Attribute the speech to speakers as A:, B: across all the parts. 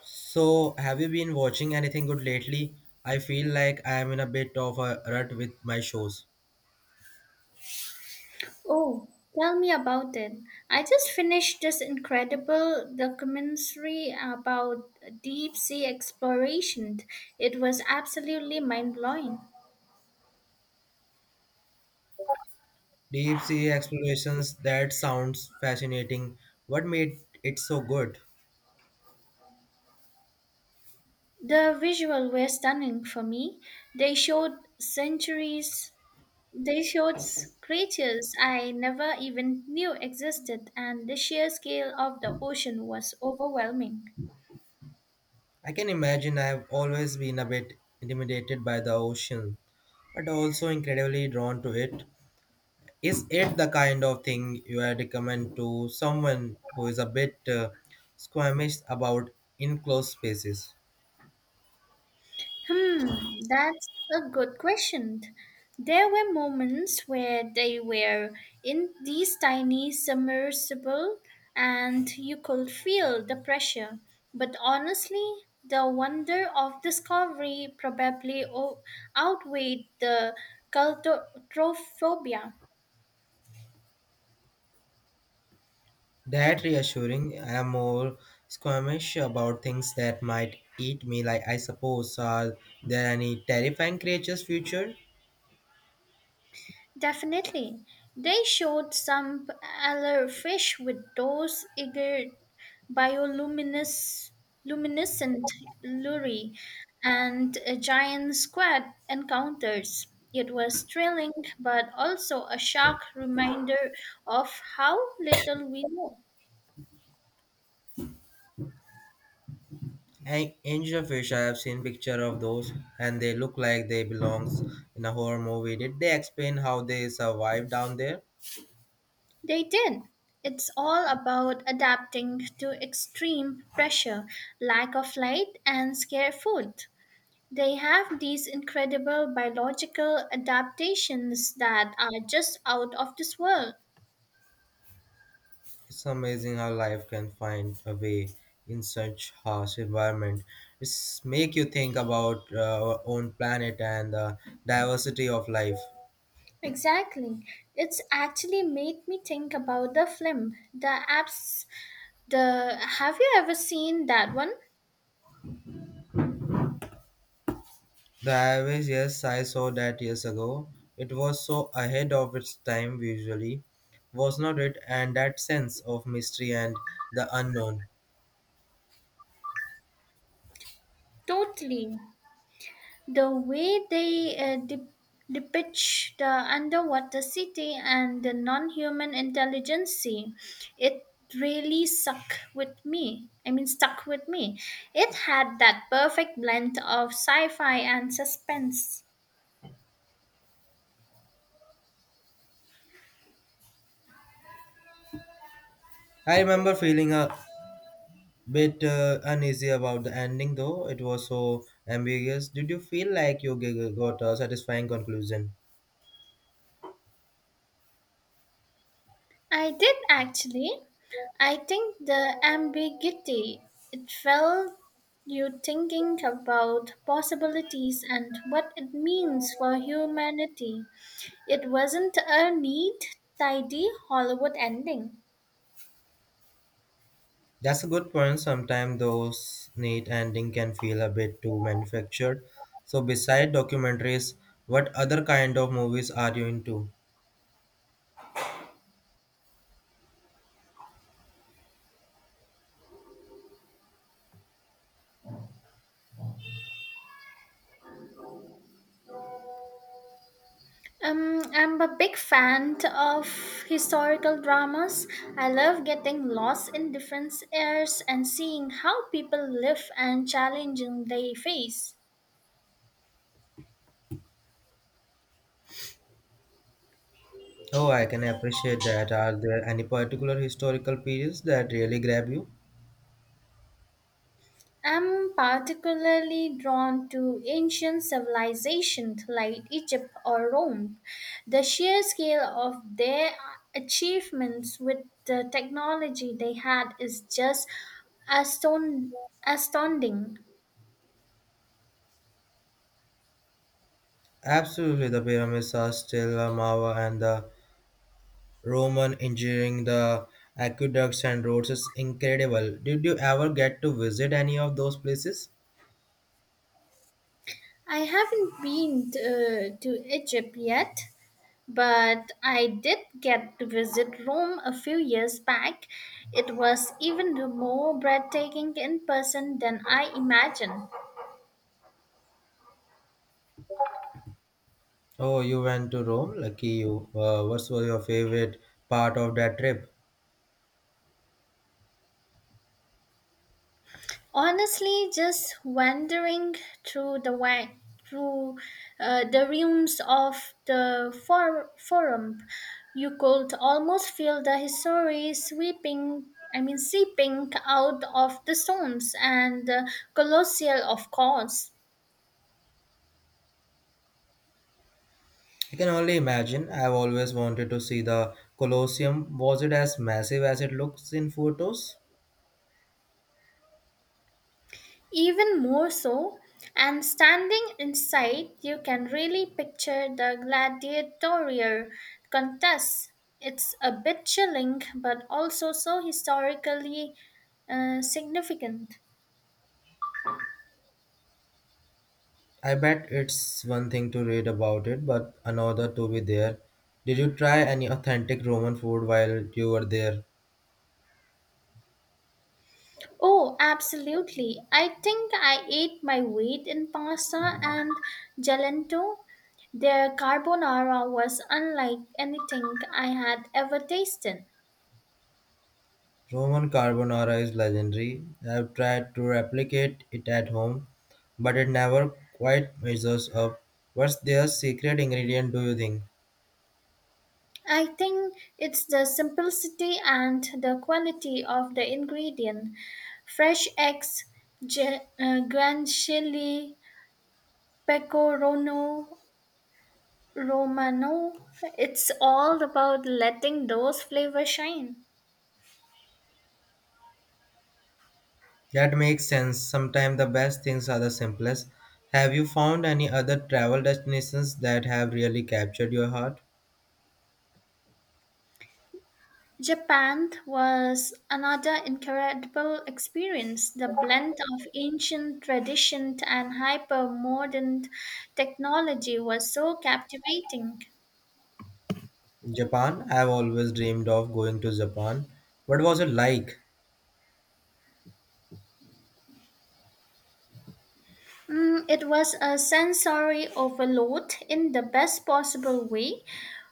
A: So, have you been watching anything good lately? I feel like I am in a bit of a rut with my shows.
B: Oh, tell me about it. I just finished this incredible documentary about deep sea exploration. It was absolutely mind blowing.
A: Deep sea explorations, that sounds fascinating. What made it so good?
B: The visuals were stunning for me. They showed centuries, they showed creatures I never even knew existed, and the sheer scale of the ocean was overwhelming.
A: I can imagine I have always been a bit intimidated by the ocean, but also incredibly drawn to it. Is it the kind of thing you would recommend to someone who is a bit squeamish about enclosed spaces?
B: Hmm, that's a good question. There were moments where they were in these tiny submersible and you could feel the pressure. But honestly, the wonder of discovery probably outweighed the claustrophobia.
A: That reassuring, I am more squeamish about things that might eat me. Like, I suppose, are there any terrifying creatures future?
B: Definitely. They showed some other fish with those eager bioluminescent luminescent lure and a giant squid encounters. It was thrilling, but also a shark reminder of how little we know.
A: Angelfish, I have seen picture of those, and they look like they belongs in a horror movie. Did they explain how they survive down there?
B: They did. It's all about adapting to extreme pressure, lack of light, and scare food. They have these incredible biological adaptations that are just out of this world.
A: It's amazing how life can find a way in such harsh environment. It's make you think about our own planet and the diversity of life.
B: Exactly. It's actually made me think about the film, the apps, the have you ever seen that one?
A: The average, yes, I saw that years ago. It was so ahead of its time visually, was not it? And that sense of mystery and the unknown.
B: Totally. The way they depict the underwater city and the non-human intelligence, it really stuck with me. I mean, stuck with me. It had that perfect blend of sci-fi and suspense.
A: I remember feeling a bit uneasy about the ending, though it was so ambiguous. Did you feel like you got a satisfying conclusion?
B: I did actually. I think the ambiguity, it felt you thinking about possibilities and what it means for humanity. It wasn't a neat, tidy Hollywood ending.
A: That's a good point. Sometimes those neat ending can feel a bit too manufactured. So, beside documentaries, what other kind of movies are you into?
B: I'm a big fan of historical dramas. I love getting lost in different eras and seeing how people live and challenging they face.
A: Oh, I can appreciate that. Are there any particular historical periods that really grab you?
B: I'm particularly drawn to ancient civilizations like Egypt or Rome. The sheer scale of their achievements with the technology they had is just aston- astounding.
A: Absolutely, the pyramids are still a marvel, and the Roman engineering, the aqueducts and roads is incredible. Did you ever get to visit any of those places?
B: I haven't been to Egypt yet, but I did get to visit Rome a few years back. It was even more breathtaking in person than I imagined.
A: Oh, you went to Rome? Lucky you. What was your favorite part of that trip?
B: Honestly, just wandering through the wa- through the rooms of the forum, you could almost feel the history sweeping. I mean, seeping out of the stones and the colossal, of course.
A: I can only imagine. I've always wanted to see the Colosseum. Was it as massive as it looks in photos?
B: Even more so, and standing inside, you can really picture the gladiatorial contest. It's a bit chilling, but also so historically significant.
A: I bet it's one thing to read about it, but another to be there. Did you try any authentic Roman food while you were there?
B: Oh, absolutely. I think I ate my weight in pasta and gelato. Their carbonara was unlike anything I had ever tasted.
A: Roman carbonara is legendary. I've tried to replicate it at home, but it never quite measures up. What's their secret ingredient, do you think?
B: I think it's the simplicity and the quality of the ingredient. Fresh eggs, ge- guanciale, pecorino romano. It's all about letting those flavors shine.
A: That makes sense. Sometimes the best things are the simplest. Have you found any other travel destinations that have really captured your heart?
B: Japan was another incredible experience. The blend of ancient tradition and hyper modern technology was so captivating.
A: Japan. I've always dreamed of going to Japan. What was it like?
B: Mm, it was a sensory overload in the best possible way.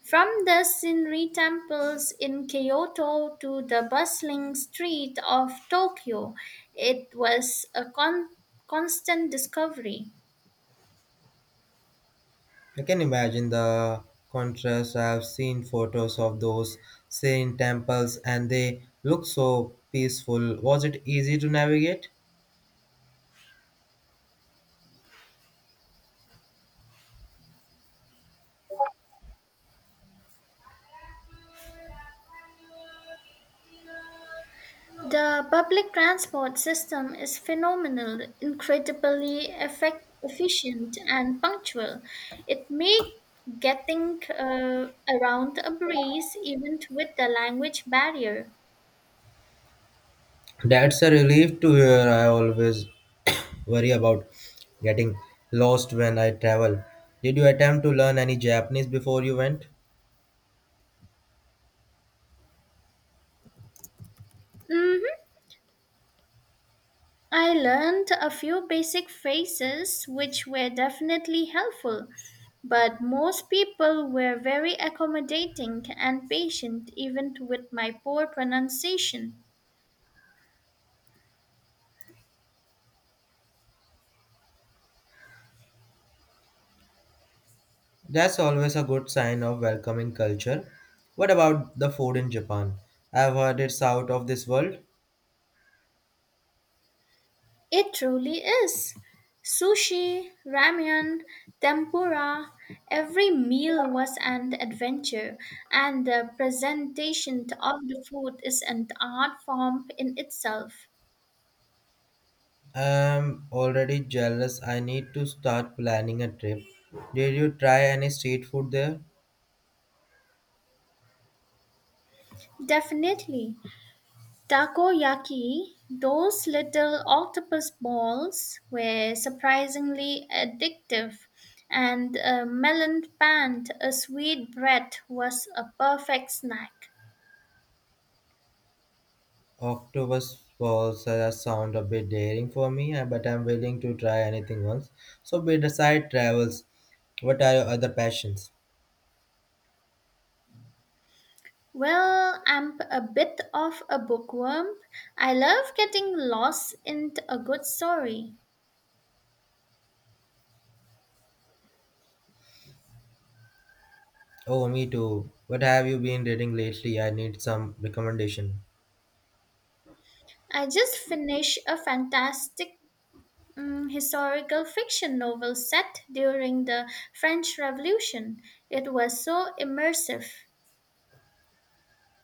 B: From the scenery temples in Kyoto to the bustling street of Tokyo, it was a constant discovery.
A: I can imagine the contrast. I've seen photos of those serene temples and they look so peaceful. Was it easy to navigate?
B: The public transport system is phenomenal, incredibly efficient, and punctual. It made getting around a breeze even with the language barrier.
A: That's a relief to hear. I always worry about getting lost when I travel. Did you attempt to learn any Japanese before you went?
B: Mhm. I learned a few basic phrases which were definitely helpful, but most people were very accommodating and patient even with my poor pronunciation.
A: That's always a good sign of welcoming culture. What about the food in Japan? I've heard it's out of this world.
B: It truly is. Sushi, ramen, tempura, every meal was an adventure, and the presentation of the food is an art form in itself.
A: I'm already jealous. I need to start planning a trip. Did you try any street food there?
B: Definitely. Takoyaki, those little octopus balls, were surprisingly addictive, and a melon pant, a sweet bread, was a perfect snack.
A: Octopus balls sound a bit daring for me, but I'm willing to try anything once. So, beside travels, what are your other passions?
B: Well, I'm a bit of a bookworm. I love getting lost in a good story.
A: Oh, me too. What have you been reading lately? I need some recommendation.
B: I just finished a fantastic historical fiction novel set during the French Revolution. It was so immersive.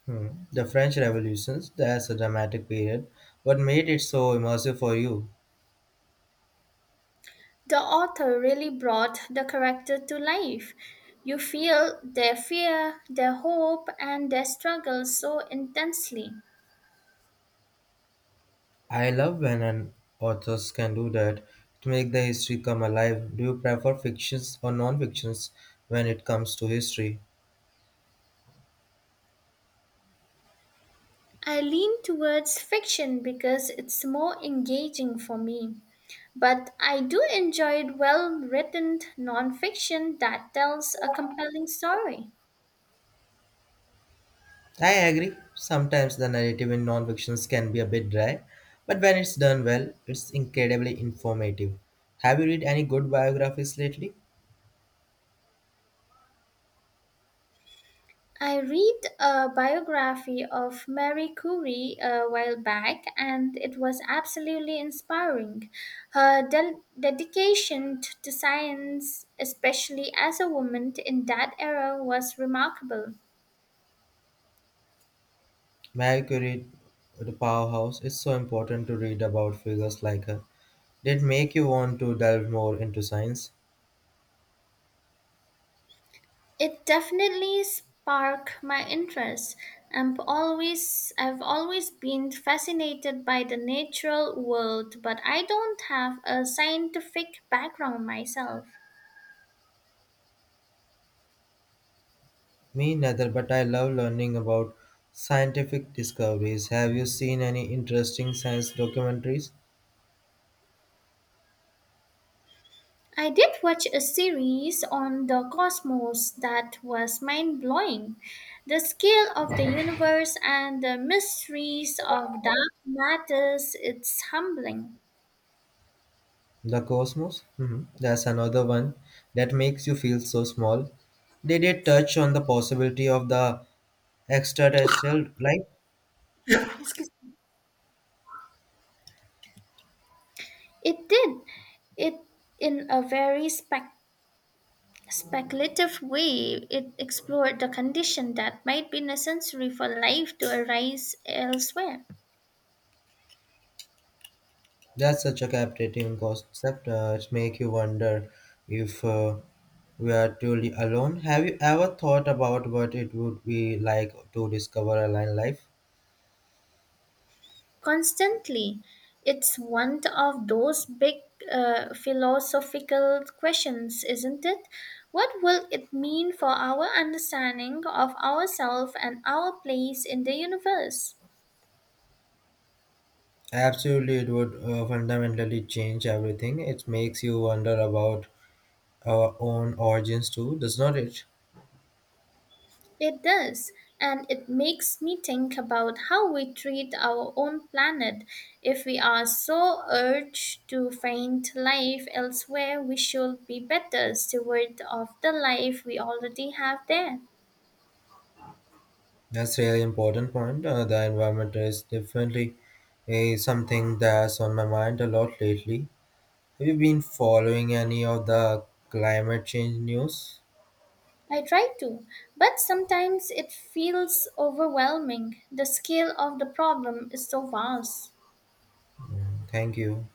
A: Hmm. The French Revolutions. That's a dramatic period. What made it so immersive for you?
B: The author really brought the character to life. You feel their fear, their hope, and their struggle so intensely.
A: I love when an authors can do that to make the history come alive. Do you prefer fictions or non-fictions when it comes to history?
B: I lean towards fiction because it's more engaging for me. But I do enjoy well written nonfiction that tells a compelling story.
A: I agree. Sometimes the narrative in non-fictions can be a bit dry, but when it's done well, it's incredibly informative. Have you read any good biographies lately?
B: I read a biography of Marie Curie a while back, and it was absolutely inspiring. Her dedication to science, especially as a woman in that era, was remarkable.
A: Marie Curie, the powerhouse. It's so important to read about figures like her. Did make you want to delve more into science?
B: It definitely sparked my interest. I've always been fascinated by the natural world, but I don't have a scientific background myself.
A: Me neither, but I love learning about scientific discoveries. Have you seen any interesting science documentaries?
B: I did watch a series on the cosmos that was mind blowing. The scale of the universe and the mysteries of dark matters, it's humbling.
A: The Cosmos? Mhm. That's another one that makes you feel so small. Did it touch on the possibility of the extraterrestrial life?
B: It did it in a very speculative way. It explored the condition that might be necessary for life to arise elsewhere.
A: That's such a captivating concept. It makes you wonder if we are truly alone. Have you ever thought about what it would be like to discover alien life?
B: Constantly. It's one of those big philosophical questions, isn't it? What will it mean for our understanding of ourselves and our place in the universe?
A: Absolutely, it would fundamentally change everything. It makes you wonder about our own origins too, does not it?
B: It does, and it makes me think about how we treat our own planet. If we are so urged to find life elsewhere, we should be better steward of the life we already have there.
A: That's really important point. The environment is definitely something that's on my mind a lot lately. Have you been following any of the climate change news?
B: I try to, but sometimes it feels overwhelming. The scale of the problem is so vast.
A: Yeah. Thank you.